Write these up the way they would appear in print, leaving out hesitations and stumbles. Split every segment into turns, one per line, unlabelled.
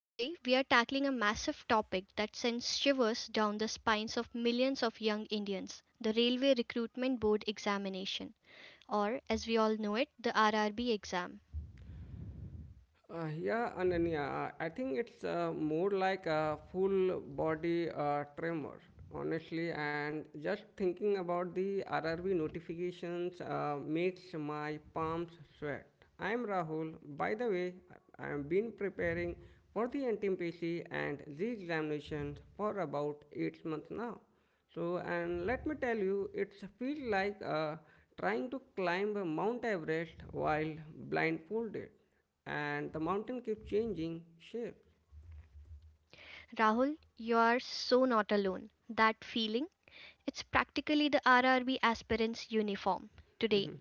Today, we are tackling a massive topic that sends shivers down the spines of millions of young Indians the Railway Recruitment Board examination, or as we all know it, the RRB exam.
Yeah, Ananya, I think it's more like a full body tremor, honestly. And just thinking about the RRB notifications makes my palms sweat. I'm Rahul. By the way, I have been preparing for the NTPC and the examinations for about 8 months now. So, and let me tell you, it feels like trying to climb Mount Everest while blindfolded and the mountain keeps changing shapes.
Rahul, you are so not alone. That feeling, it's practically the RRB aspirant's uniform. Today,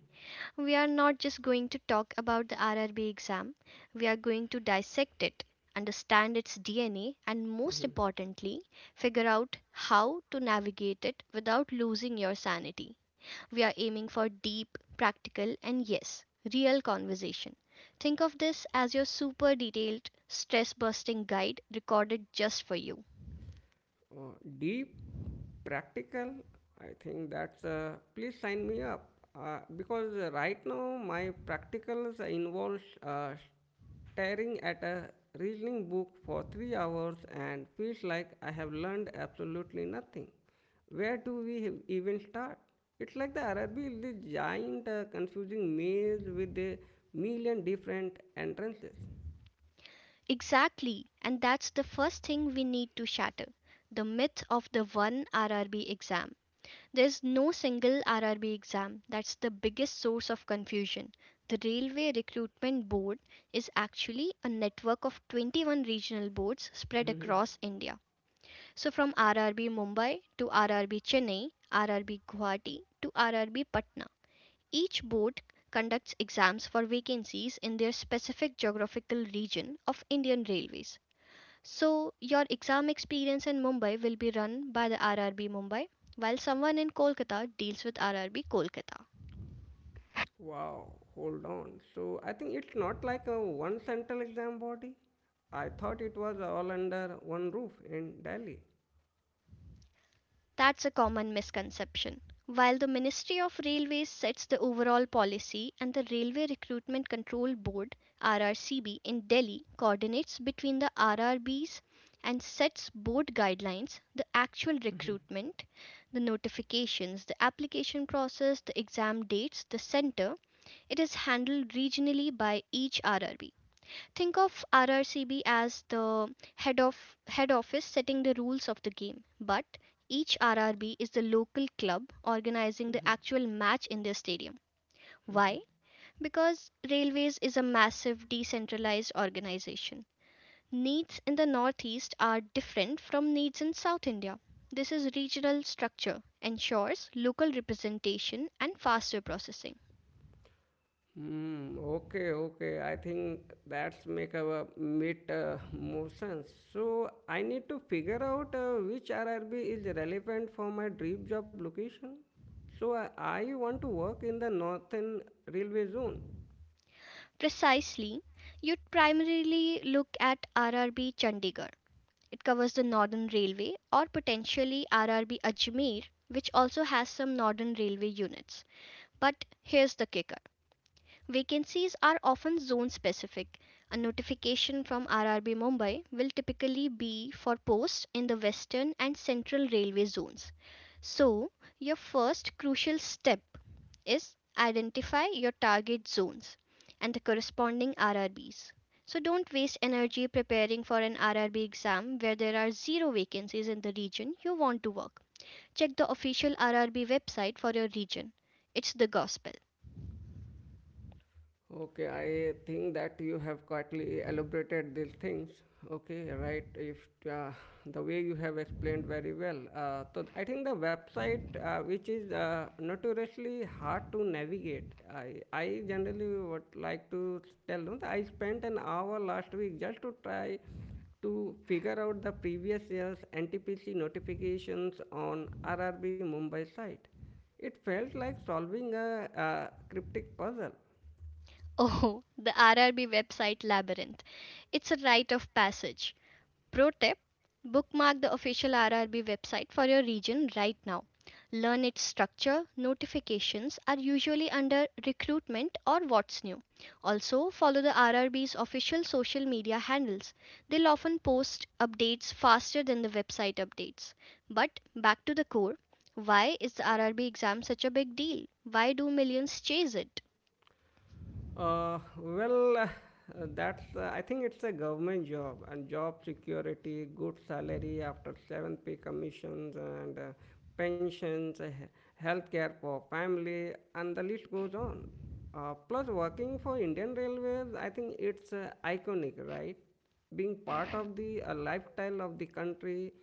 we are not just going to talk about the RRB exam, we are going to dissect it, understand its DNA, and most importantly, figure out how to navigate it without losing your sanity. We are aiming for deep, practical, and yes, real conversation. Think of this as your super detailed, stress busting guide recorded just for you.
Uh, Deep, practical. I think that's. Please sign me up because right now my practicals involves staring at a reasoning book for 3 hours and feels like I have learned absolutely nothing. Where do we have even start? It's like the Arabi is this giant, confusing maze with a million different entrances.
Exactly, and that's the first thing we need to shatter the myth of the one RRB exam. There's no single RRB exam. That's the biggest source of confusion. The Railway Recruitment Board is actually a network of 21 regional boards spread across India. So from RRB Mumbai to RRB Chennai, RRB Guwahati to RRB Patna. Each board conducts exams for vacancies in their specific geographical region of Indian Railways. So, your exam experience in Mumbai will be run by the RRB Mumbai, while someone in Kolkata deals with RRB Kolkata.
Wow, hold on. So I think it's not like a one central exam body. I thought it was all under one roof in Delhi.
That's a common misconception. While the Ministry of Railways sets the overall policy and the Railway Recruitment Control Board RRCB in Delhi coordinates between the RRBs and sets board guidelines, the actual recruitment, the notifications, the application process, the exam dates, the center, it is handled regionally by each RRB. Think of RRCB as the head of head office setting the rules of the game, but each RRB is the local club organizing the actual match in their stadium. Why? Because Railways is a massive decentralized organization. Needs in the Northeast are different from needs in South India. This is regional structure, ensures local representation and faster processing.
Hmm. Okay. Okay. I think that's make a bit more sense. So I need to figure out which RRB is relevant for my dream job location. So I want to work in the northern railway zone.
Precisely, you'd primarily look at RRB Chandigarh. It covers the Northern Railway or potentially RRB Ajmer, which also has some Northern Railway units. But here's the kicker vacancies are often zone specific. A notification from RRB Mumbai will typically be for posts in the Western and Central Railway zones. So, your first crucial step is identify your target zones and the corresponding RRBs. So, don't waste energy preparing for an RRB exam where there are zero vacancies in the region you want to work. Check the official RRB website for your region. It's the gospel.
Okay, I think that you have quietly elaborated these things. Okay, right. If uh, the way you have explained very well. So I think the website, which is notoriously hard to navigate, I generally would like to tell you that I spent an hour last week just to try to figure out the previous year's NTPC notifications on RRB Mumbai site. It felt like solving a cryptic puzzle.
Oh, the RRB website labyrinth. It's a rite of passage. Pro tip bookmark the official RRB website for your region right now. Learn its structure. Notifications are usually under recruitment or what's new. Also, follow the RRB's official social media handles. They'll often post updates faster than the website updates. But back to the core why is the RRB exam such a big deal? Why do millions chase it?
Well, that's I think it's a government job and job security, good salary after seven pay commissions and pensions, health care for family, and the list goes on. Plus, working for Indian Railways, I think it's iconic, right? Being part of the lifestyle of the country.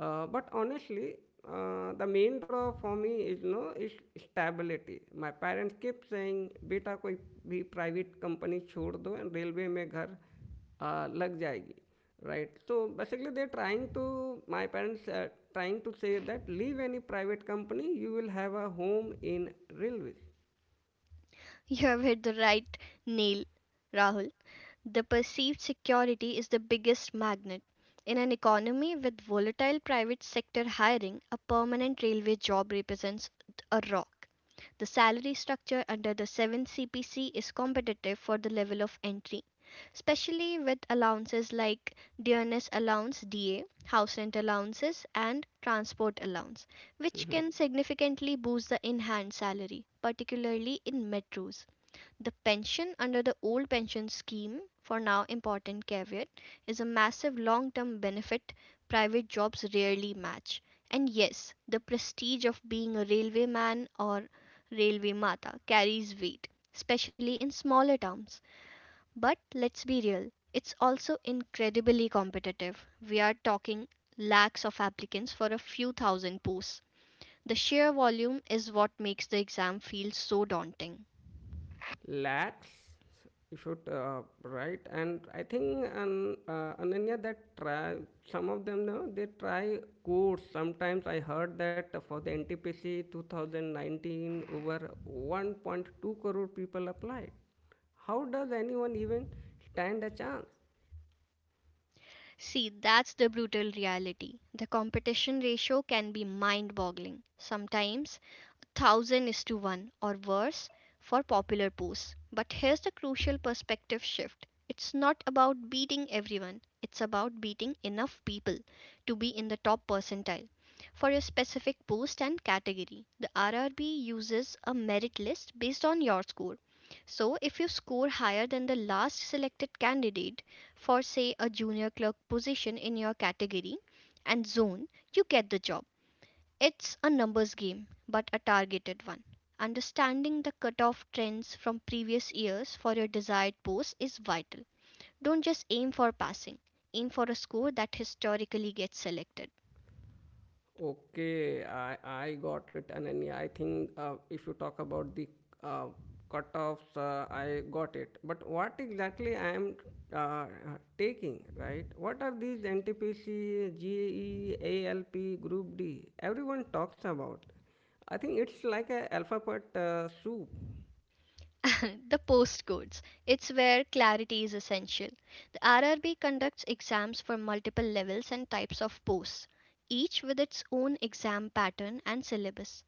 But honestly, the main draw for me is, no, is stability. My parents keep saying, "बेटा कोई भी private company छोड़ दो and railway में घर लग जाएगी, right? So basically they're trying to my parents are trying to say that leave any private company, you will have a home in railway."
You have hit the right nail, Rahul. The perceived security is the biggest magnet. In an economy with volatile private sector hiring, a permanent railway job represents a rock. The salary structure under the Seventh CPC is competitive for the level of entry, especially with allowances like dearness allowance DA, house rent allowances, and transport allowance, which can significantly boost the in hand salary, particularly in metros. The pension under the old pension scheme, for now important caveat, is a massive long term benefit private jobs rarely match. And yes, the prestige of being a railway man or railway mata carries weight, especially in smaller towns. But let's be real, it's also incredibly competitive. We are talking lakhs of applicants for a few thousand posts. The sheer volume is what makes the exam feel so daunting.
Lakhs, you should write, and I think Ananya that try some of them know they try course. Sometimes I heard that for the NTPC 2019 over 1.2 crore people applied. How does anyone even stand a chance?
See, that's the brutal reality. The competition ratio can be mind boggling. Sometimes thousand is to one or worse for popular posts. But here's the crucial perspective shift it's not about beating everyone, it's about beating enough people to be in the top percentile for your specific post and category. The RRB uses a merit list based on your score. So, if you score higher than the last selected candidate for, say, a junior clerk position in your category and zone, you get the job. It's a numbers game, but a targeted one. Understanding the cutoff trends from previous years for your desired post is vital. Don't just aim for passing, aim for a score that historically gets selected.
Okay, I got it. And then, yeah, I think if you talk about the uh, cutoffs, I got it. But what exactly I am uh, taking, right? What are these NTPC, GAE, ALP, Group D? Everyone talks about. I think it's like a alphabet soup.
The postcodes. It's where clarity is essential. The RRB conducts exams for multiple levels and types of posts, each with its own exam pattern and syllabus.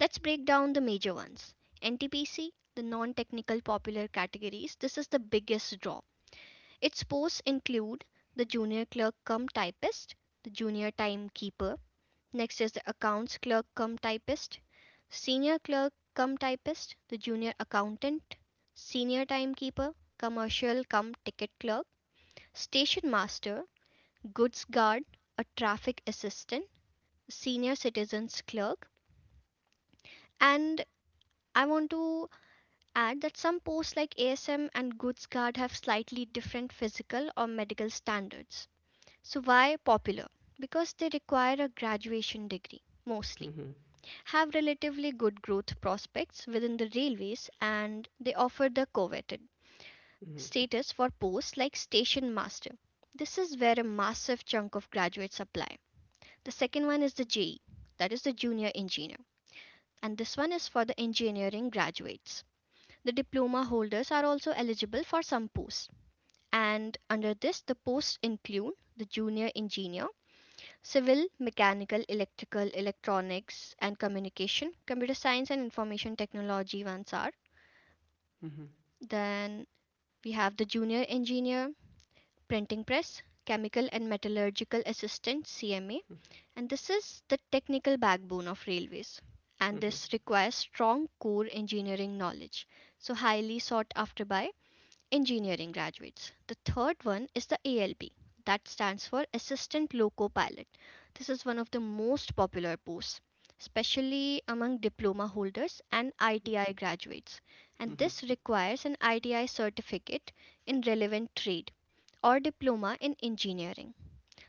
Let's break down the major ones. NTPC, the non technical popular categories, this is the biggest draw. Its posts include the junior clerk cum typist, the junior timekeeper, next is the accounts clerk cum typist, senior clerk cum typist, the junior accountant, senior timekeeper, commercial cum ticket clerk, station master, goods guard, a traffic assistant, senior citizens clerk, and I want to add that some posts like ASM and Goods Guard have slightly different physical or medical standards. So, why popular? Because they require a graduation degree mostly, have relatively good growth prospects within the railways, and they offer the coveted
Mhm, mhm,
status for posts like station master. This is where a massive chunk of graduates apply. The second one is the JE, that is the junior engineer, and this one is for the engineering graduates. The diploma holders are also eligible for some posts, and under this, the posts include the junior engineer, civil, mechanical, electrical, electronics, and communication, computer science and information technology ones are.
mhm,
Then we have the junior engineer, printing press, chemical and metallurgical assistant, CMA, and this is the technical backbone of railways. And
mhm,
this requires strong core engineering knowledge, so highly sought after by engineering graduates. The third one is the ALP, that stands for Assistant Loco Pilot. This is one of the most popular posts, especially among diploma holders and ITI graduates. And
mhm.
this requires an ITI certificate in relevant trade or diploma in engineering.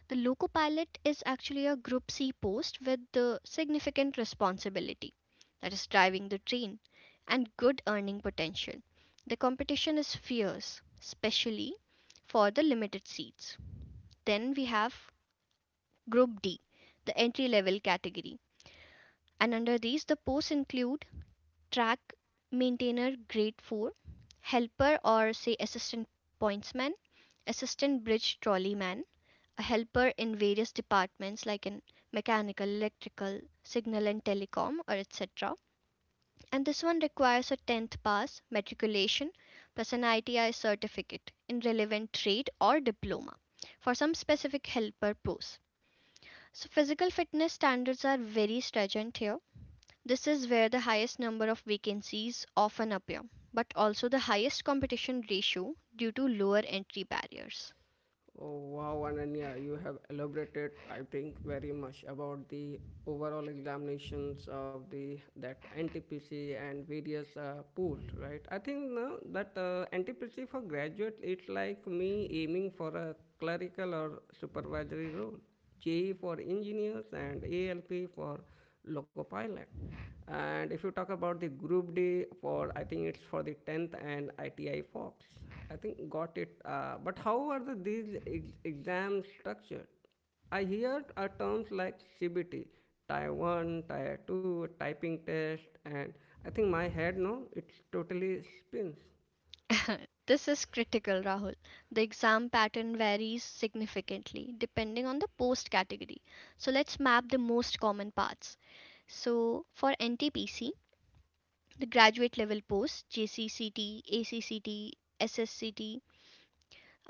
The Loco Pilot is actually a Group C post with the significant responsibility, that is, driving the train, and good earning potential. The competition is fierce, especially for the limited seats. Then we have Group D, the entry level category, and under these, the posts include track maintainer grade 4, helper or say assistant pointsman, assistant bridge trolley man, a helper in various departments like in mechanical, electrical, signal and telecom or etc. And this one requires a 10th pass matriculation plus an ITI certificate in relevant trade or diploma for some specific helper posts. So physical fitness standards are very stringent here. This is where the highest number of vacancies often appear, but also the highest competition ratio due to lower entry barriers.
Oh, wow, Ananya, you have elaborated, I think, very much about the overall examinations of the that NTPC and various posts, right? I think now that NTPC for graduate, it's like me aiming for a clerical or supervisory role, JE for engineers, and ALP for loco pilot. And if you talk about the Group D for, I think it's for the 10th and ITI Fox. I think got it. But how are these exams structured? I hear terms like CBT, Tier 1, Tier 2, typing test, and I think my head, no, it totally spins.
This is critical, Rahul. The exam pattern varies significantly depending on the post category. So let's map the most common parts. So for NTPC, the graduate level post, JCCT, ACCT, SSCT,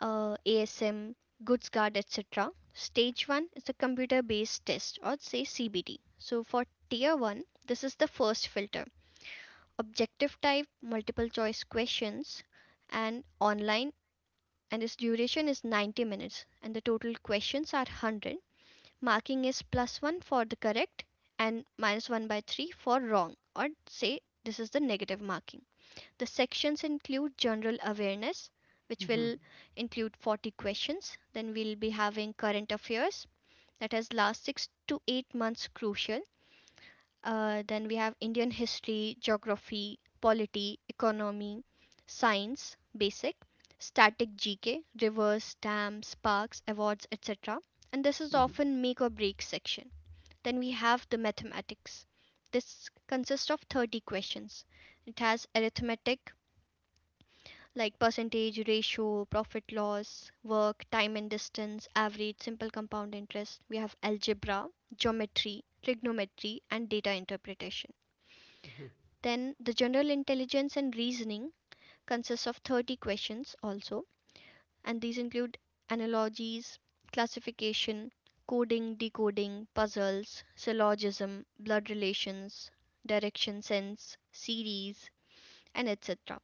ASM, Goods Guard, etc. Stage 1 is a computer based test or say CBT. So for tier 1, this is the first filter. Objective type, multiple choice questions, and online, and its duration is 90 minutes and the total questions are 100, marking is plus 1 for the correct and minus 1 by 3 for wrong or say this is the negative marking. The sections include general awareness, which
Mhm,
will include 40 questions, then we'll be having current affairs that has last 6 to 8 months crucial, then we have Indian history, geography, polity, economy, science, basic, static GK, rivers, dams, parks, awards, etc. And this is often make or break section. Then we have the mathematics. This consists of 30 questions. It has arithmetic like percentage, ratio, profit loss, work, time and distance, average, simple compound interest. We have algebra, geometry, trigonometry, and data interpretation. Then the general intelligence and reasoning consists of 30 questions also, and these include analogies, classification, coding, decoding, puzzles, syllogism, blood relations, direction sense, series, and etc.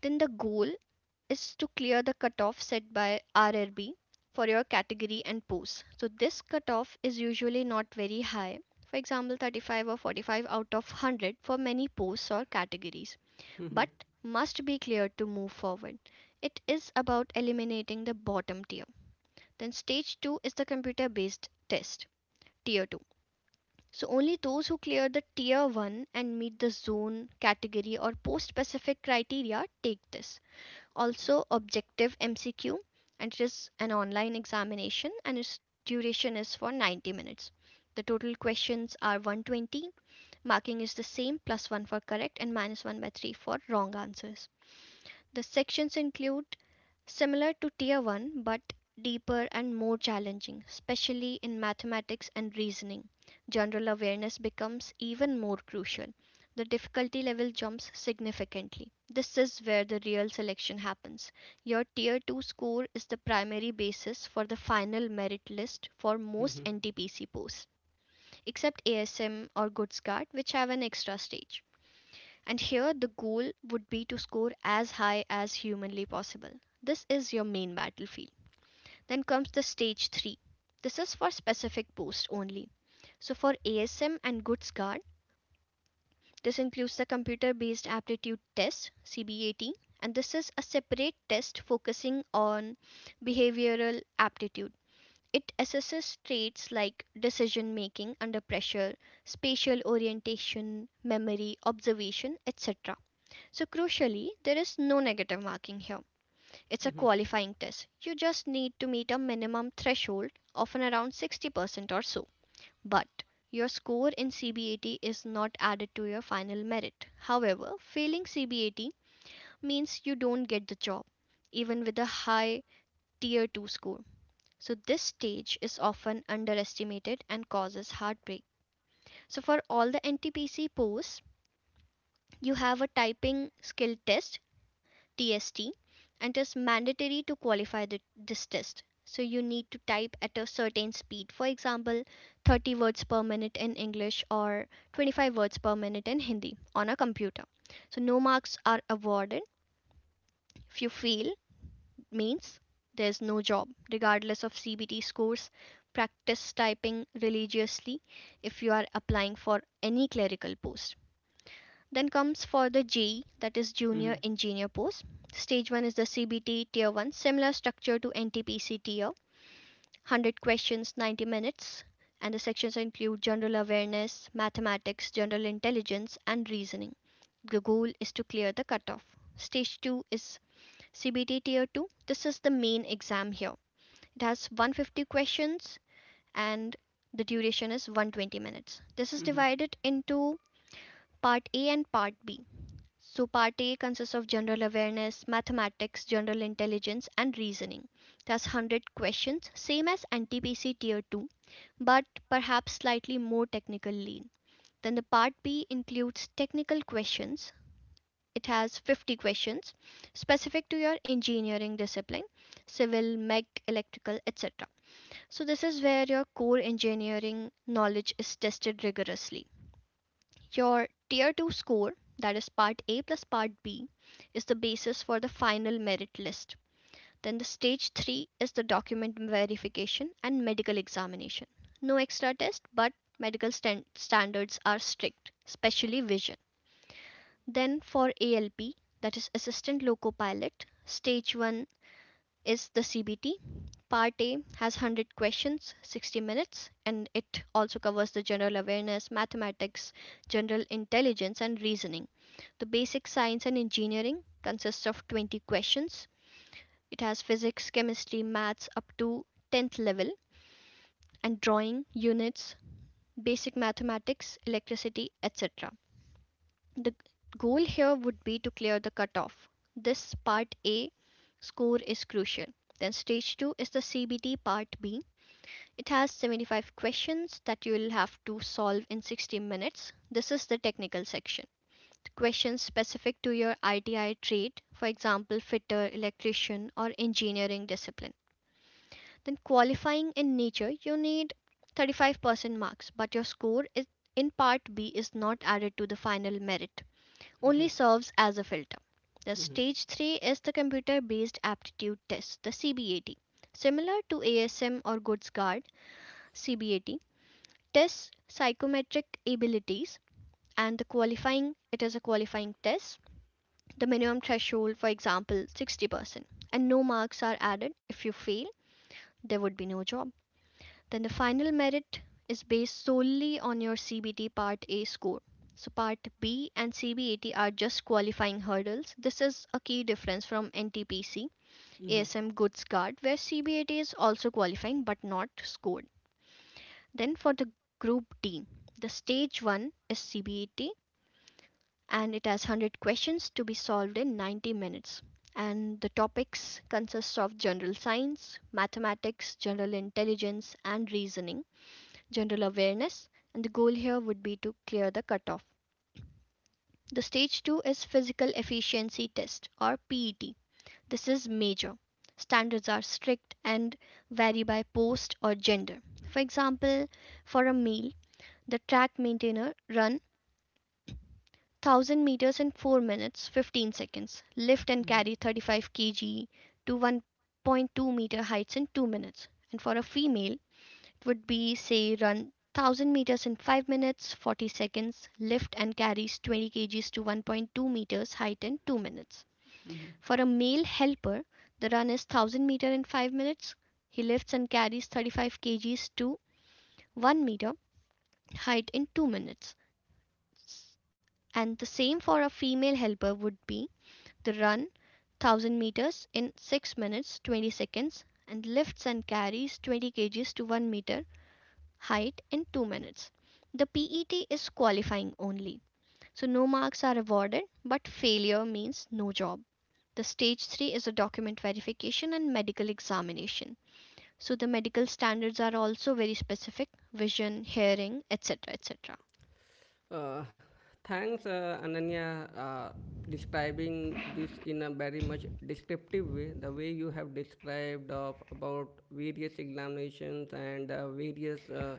Then the goal is to clear the cutoff set by RRB for your category and post. So this cutoff is usually not very high, for example 35 or 45 out of 100 for many posts or categories,
mhm,
but must be cleared to move forward. It is about eliminating the bottom tier. Then, stage 2 is the computer based test, tier 2. So, only those who clear the tier 1 and meet the zone, category, or post specific criteria take this. Also, objective MCQ, and it is an online examination, and its duration is for 90 minutes. The total questions are 120. Marking is the same, plus 1 for correct and minus 1 by 3 for wrong answers. The sections include similar to Tier 1 but deeper and more challenging, especially in mathematics and reasoning. General awareness becomes even more crucial. The difficulty level jumps significantly. This is where the real selection happens. Your Tier 2 score is the primary basis for the final merit list for most
mhm,
NTPC posts, except ASM or Good Start, which have an extra stage. And here the goal would be to score as high as humanly possible. This is your main battlefield. Then comes the stage 3. This is for specific posts only. So for ASM and Good Guard, this includes the computer based aptitude test CBAT, and this is a separate test focusing on behavioral aptitude. It assesses traits like decision making under pressure, spatial orientation, memory, observation, etc. So, crucially, there is no negative marking here. It's a
mhm,
qualifying test. You just need to meet a minimum threshold, often around 60% or so. But your score in CBAT is not added to your final merit. However, failing CBAT means you don't get the job, even with a high tier 2 score. So, this stage is often underestimated and causes heartbreak. So, for all the NTPC posts, you have a typing skill test TST, and it is mandatory to qualify this test. So you need to type at a certain speed. For example, 30 words per minute in English or 25 words per minute in Hindi on a computer. So no marks are awarded. If you fail, means there's no job, regardless of CBT scores. Practice typing religiously if you are applying for any clerical post. Then comes for the G, that is
mhm,
junior
mhm,
engineer post. Stage 1 is the CBT tier 1, similar structure to NTPC tier, 100 questions, 90 minutes, and the sections include general awareness, mathematics, general intelligence, and reasoning. The goal is to clear the cutoff. Stage 2 is CBT tier 2. This is the main exam here. It has 150 questions, and the duration is 120 minutes. This is
mhm,
divided into part A and part B. So, part A consists of general awareness, mathematics, general intelligence, and reasoning. That's 100 questions, same as NTPC Tier 2, but perhaps slightly more technical lean. Then the part B includes technical questions. It has 50 questions specific to your engineering discipline, civil, mech, electrical, etc. So, this is where your core engineering knowledge is tested rigorously. Your Tier 2 score, that is Part A plus Part B, is the basis for the final merit list. Then the Stage 3 is the document verification and medical examination. No extra test, but medical standards are strict, especially vision. Then for ALP, that is Assistant Loco Pilot, Stage 1 is the CBT. Part A has 100 questions, 60 minutes, and it also covers the general awareness, mathematics, general intelligence, and reasoning. The basic science and engineering consists of 20 questions. It has physics, chemistry, maths up to 10th level, and drawing, units, basic mathematics, electricity, etc. The goal here would be to clear the cutoff. This part A score is crucial. Then stage 2 is the CBT part B. It has 75 questions that you will have to solve in 60 minutes. This is the technical section. The questions specific to your ITI trade, for example fitter, electrician or engineering discipline. Then qualifying in nature, you need 35% marks, but your score is in part B is not added to the final merit, only serves as a filter. The
mhm,
stage 3 is the computer based aptitude test, the CBAT. Similar to ASM or Goods Guard, CBAT tests psychometric abilities, and the qualifying, it is a qualifying test. The minimum threshold, for example, 60%, and no marks are added. If you fail, there would be no job. Then the final merit is based solely on your CBT Part A score. So Part B and CBAT are just qualifying hurdles. This is a key difference from NTPC,
mhm,
ASM Goods Card, where CBAT is also qualifying but not scored. Then for the Group D, the stage 1 is CBAT, and it has 100 questions to be solved in 90 minutes. And the topics consist of general science, mathematics, general intelligence, and reasoning, general awareness, and the goal here would be to clear the cutoff. The stage 2 is physical efficiency test or PET. This is major. Standards are strict and vary by post or gender. For example, for a male, the track maintainer run 1000 meters in 4 minutes 15 seconds, lift and
mhm,
carry 35 kg to 1.2 meter heights in 2 minutes. And for a female, would be say run 1000 meters in 5 minutes 40 seconds, lift and carries 20 kgs to 1.2 meters height in 2 minutes.
mhm.
For a male helper, the run is 1000 meter in 5 minutes, he lifts and carries 35 kgs to 1 meter height in 2 minutes, and the same for a female helper would be the run 1000 meters in 6 minutes 20 seconds, and lifts and carries 20 kgs to 1 meter height in 2 minutes. The PET is qualifying only, so no marks are awarded, but failure means no job. The stage 3 is a document verification and medical examination. So the medical standards are also very specific, vision, hearing, etc. etc.
Uh, Thanks, Ananya, describing this in a very much descriptive way. The way you have described of about various examinations and various, uh,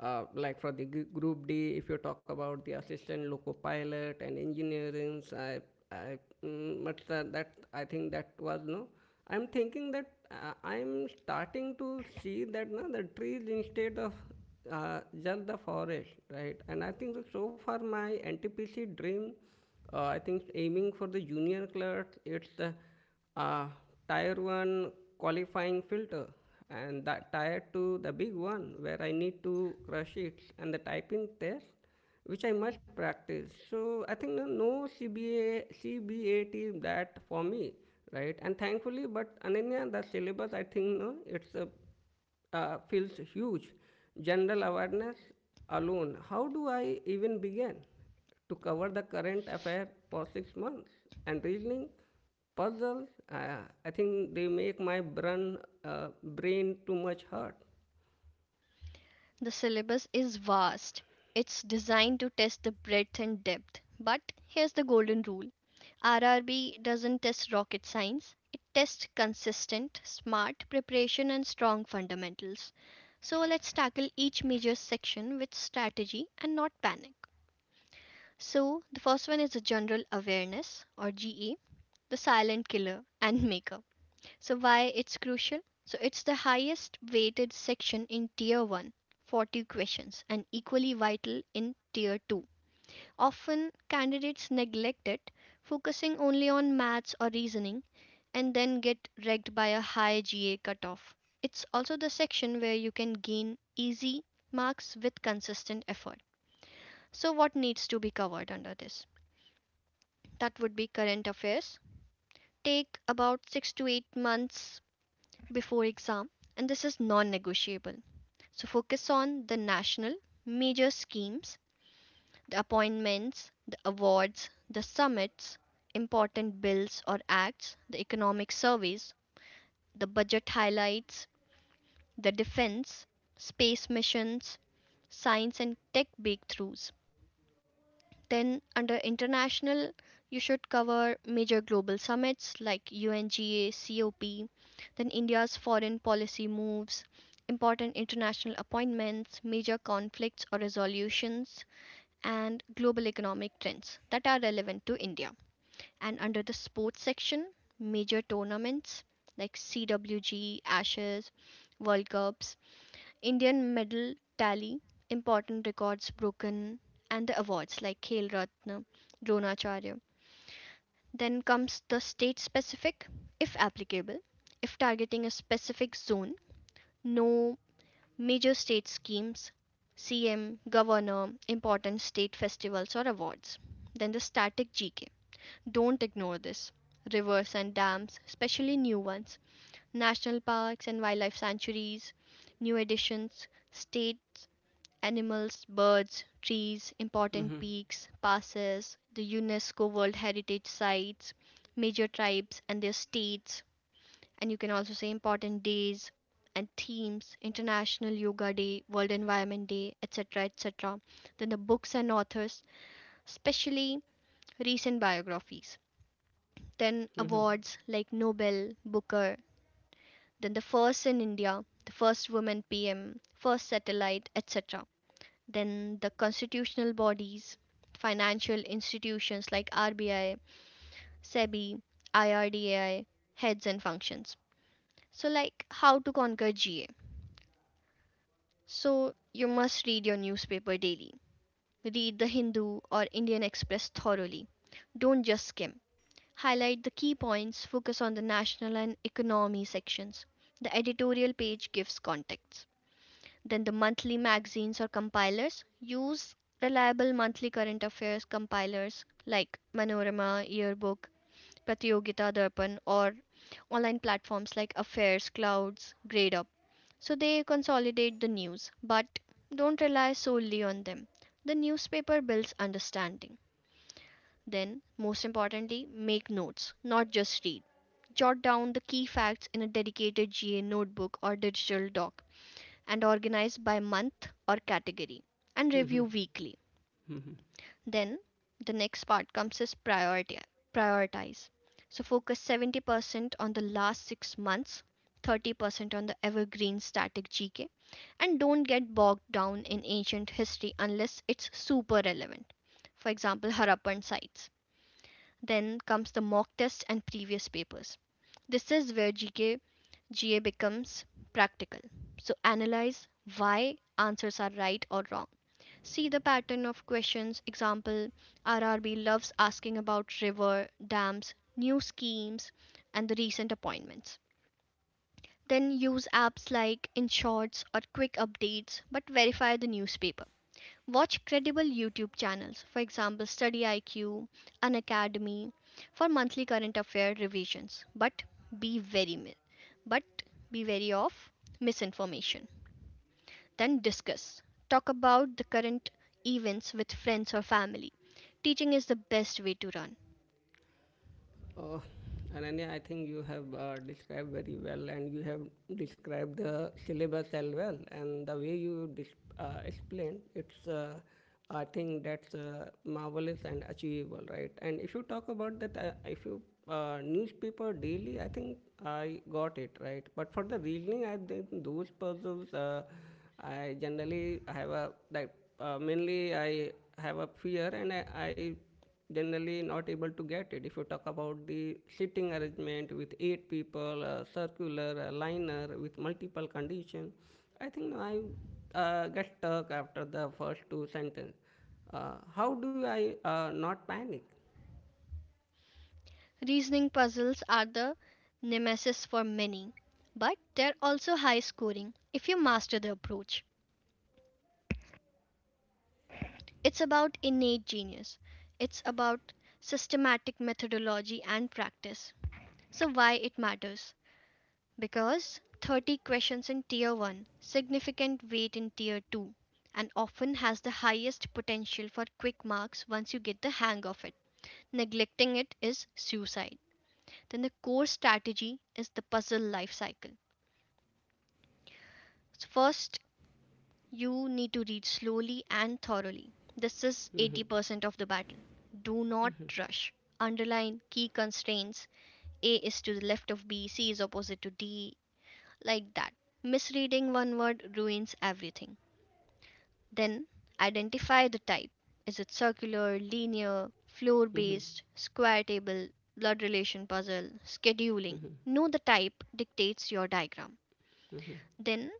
uh, like for the Group D, if you talk about the assistant loco pilot and engineering, I, but that I think that was no. I'm thinking that I'm starting to see that the trees instead of just the forest, right? And I think that so far my NTPC dream, I think aiming for the junior clerks, it's the uh, Tier 1 qualifying filter, and that Tier 2 the big one where I need to crush it, and the typing test which I must practice. So I think no, no CBA, CBAT that for me, right? And thankfully, but Ananya, the syllabus, I think no, it's a feels huge. General awareness alone. How do I even begin to cover the current affair for 6 months? And reasoning, puzzles, I think they make my brain too much hurt.
The syllabus is vast. It's designed to test the breadth and depth. But here's the golden rule: RRB doesn't test rocket science, it tests consistent, smart preparation and strong fundamentals. So let's tackle each major section with strategy and not panic. So, the first one is the general awareness or GA, the silent killer and maker. So why it's crucial? So it's the highest weighted section in tier 1, 40 questions, and equally vital in tier 2. Often candidates neglect it, focusing only on maths or reasoning, and then get wrecked by a high GA cutoff. It's also the section where you can gain easy marks with consistent effort. So, what needs to be covered under this? That would be current affairs. Take about 6 to 8 months before exam, and this is non-negotiable. So focus on the national major schemes, the appointments, the awards, the summits, important bills or acts, the economic surveys, the budget highlights, the defense, space missions, science and tech breakthroughs. Then, under international, you should cover major global summits like UNGA, COP, then India's foreign policy moves, important international appointments, major conflicts or resolutions, and global economic trends that are relevant to India. And under the sports section, major tournaments like CWG, Ashes, World Cups, Indian medal tally, important records broken, and the awards like Khel Ratna, Dronacharya. Then comes the state specific, if applicable, if targeting a specific zone, no major state schemes, CM, governor, important state festivals or awards. Then the static GK. Don't ignore this. Rivers and dams, especially new ones, national parks and wildlife sanctuaries, new additions, state animals, birds, trees, important peaks, passes, the UNESCO World Heritage Sites, major tribes and their states, and you can also say important days and themes, International Yoga Day, World Environment Day, etc. etc. Then the books and authors, especially recent biographies. Then awards like Nobel, Booker, then the first in India, the first woman PM, first satellite, etc. Then the constitutional bodies, financial institutions like RBI, SEBI, IRDAI, heads and functions. So, like how to conquer GA. So, you must read your newspaper daily. Read the Hindu or Indian Express thoroughly. Don't just skim. Highlight the key points, focus on the national and economy sections. The editorial page gives context. Then the monthly magazines or compilers, use reliable monthly current affairs compilers like Manorama, Yearbook, Pratyogita Darpan, or online platforms like Affairs, Clouds, GradeUp. So they consolidate the news, but don't rely solely on them. The newspaper builds understanding. Then, most importantly, make notes, not just read. Jot down the key facts in a dedicated GA notebook or digital doc, and organized by month or category, and review weekly. Then the next part comes is priority prioritize. So focus 70% on the last 6 months, 30% on the evergreen static GK, and don't get bogged down in ancient history unless it's super relevant. For example, Harappan sites. Then comes the mock test and previous papers. This is where GK, GA becomes practical. So analyze why answers are right or wrong. See the pattern of questions. Example, RRB loves asking about river, dams, new schemes, and the recent appointments. Then use apps like InShorts or Quick Updates, but verify the newspaper. Watch credible YouTube channels, for example, Study IQ, An Academy, for monthly current affair revisions. But be very but be wary of misinformation. Then discuss. Talk about the current events with friends or family. Teaching is the best way to run.
Uh, Ananya, I think you have described very well, and you have described the syllabus as well. And the way you explained, it's I think that's marvelous and achievable, right? And if you talk about that, if you newspaper daily, I think I got it right. But for the reasoning, I think those puzzles, I generally have a like mainly I have a fear, and I generally not able to get it. If you talk about the sitting arrangement with eight people, a circular, a liner with multiple condition, I think no, I get stuck after the first two sentences. How do I not panic?
Reasoning puzzles are the nemesis for many, but they're also high scoring if you master the approach. It's about innate genius. It's about systematic methodology and practice. So, why it matters? Because 30 questions in Tier 1, significant weight in Tier 2, and often has the highest potential for quick marks once you get the hang of it. Neglecting it is suicide. Then, the core strategy is the puzzle life cycle. So first, you need to read slowly and thoroughly. This is
Mm-hmm.
80% of the battle. Do not rush. Underline key constraints. A is to the left of B, C is opposite to D, like that. Misreading one word ruins everything. Then identify the type. Is it circular, linear, floor based, square table, blood relation puzzle, scheduling? Know the type dictates your diagram. Then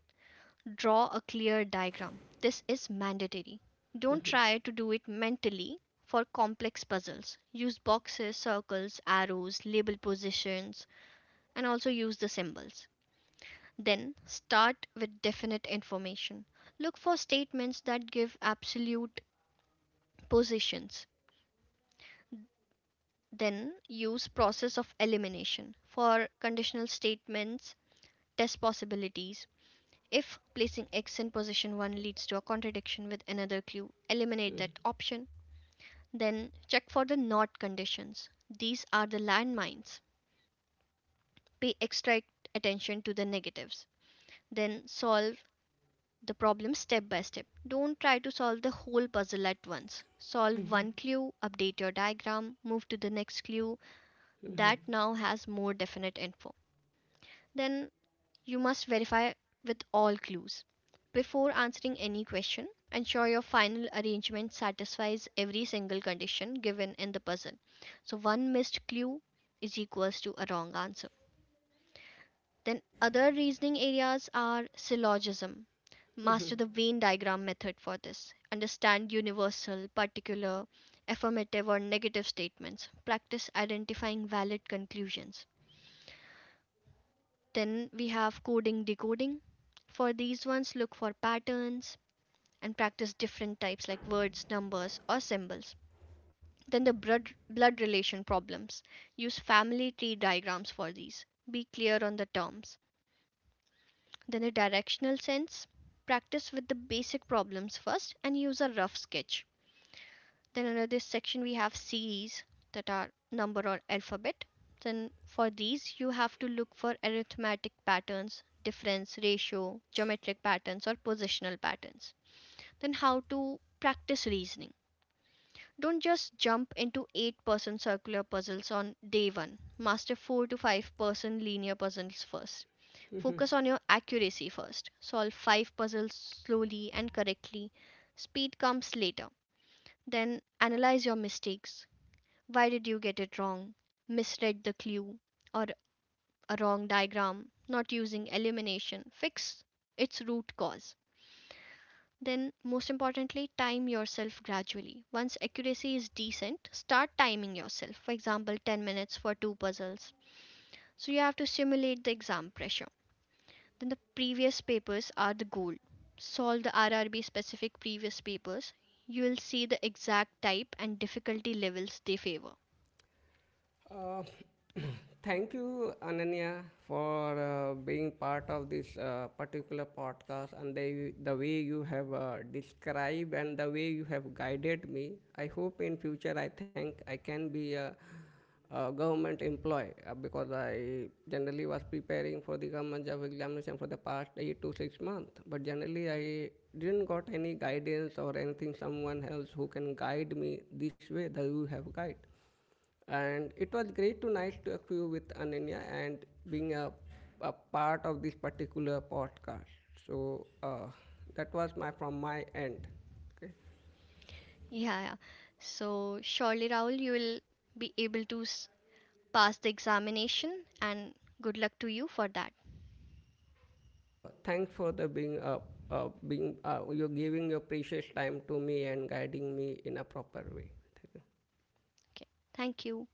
draw a clear diagram. This is mandatory. Don't try to do it mentally for complex puzzles. Use boxes, circles, arrows, label positions, and also use the symbols. Then start with definite information. Look for statements that give absolute positions. Then use process of elimination for conditional statements, test possibilities. If placing x in position 1 leads to a contradiction with another clue, eliminate that option. Then check for the not conditions. These are the landmines. Pay extra attention to the negatives. Then solve the problem step by step. Don't try to solve the whole puzzle at once. Solve one clue, update your diagram, move to the next clue that now has more definite info. Then you must verify with all clues. Before answering any question, ensure your final arrangement satisfies every single condition given in the puzzle. So one missed clue is equals to a wrong answer. Then other reasoning areas are syllogism. Master the Venn diagram method for this. Understand universal, particular, affirmative or negative statements. Practice identifying valid conclusions. Then we have coding decoding. For these ones, look for patterns and practice different types like words, numbers, or symbols. Then the blood relation problems. Use family tree diagrams for these. Be clear on the terms. Then the directional sense. Practice with the basic problems first and use a rough sketch. Then under this section we have series that are number or alphabet. Then for these you have to look for arithmetic patterns, difference, ratio, geometric patterns or positional patterns. Then how to practice reasoning. Don't just jump into 8% circular puzzles on day 1. Master 4 to 5% linear puzzles first. Focus on your accuracy first. Solve 5 puzzles slowly and correctly. Speed comes later. Then analyze your mistakes. Why did you get it wrong? Misread the clue, or a wrong diagram, not using elimination. Fix its root cause. Then, most importantly, time yourself gradually. Once accuracy is decent, start timing yourself. For example, 10 minutes for two puzzles. So, you have to simulate the exam pressure. Then, the previous papers are the goal. Solve the RRB specific previous papers. You will see the exact type and difficulty levels they favor.
Uh, Thank you, Ananya, for being part of this particular podcast and the way you have described and the way you have guided me. I hope in future I think I can be a government employee because I generally was preparing for the government job examination for the past 8 to 6 months. But generally I didn't got any guidance or anything. Someone else who can guide me this way that you have guided. And it was great to nice to talk to you with Ananya and being a part of this particular podcast. So that was my from my end. Okay.
Yeah, yeah. So surely, Rahul, you will be able to pass the examination, and good luck to you for that.
Sure. Thanks for the being being you're giving your precious time to me and guiding me in a proper way.
Okay, thank you.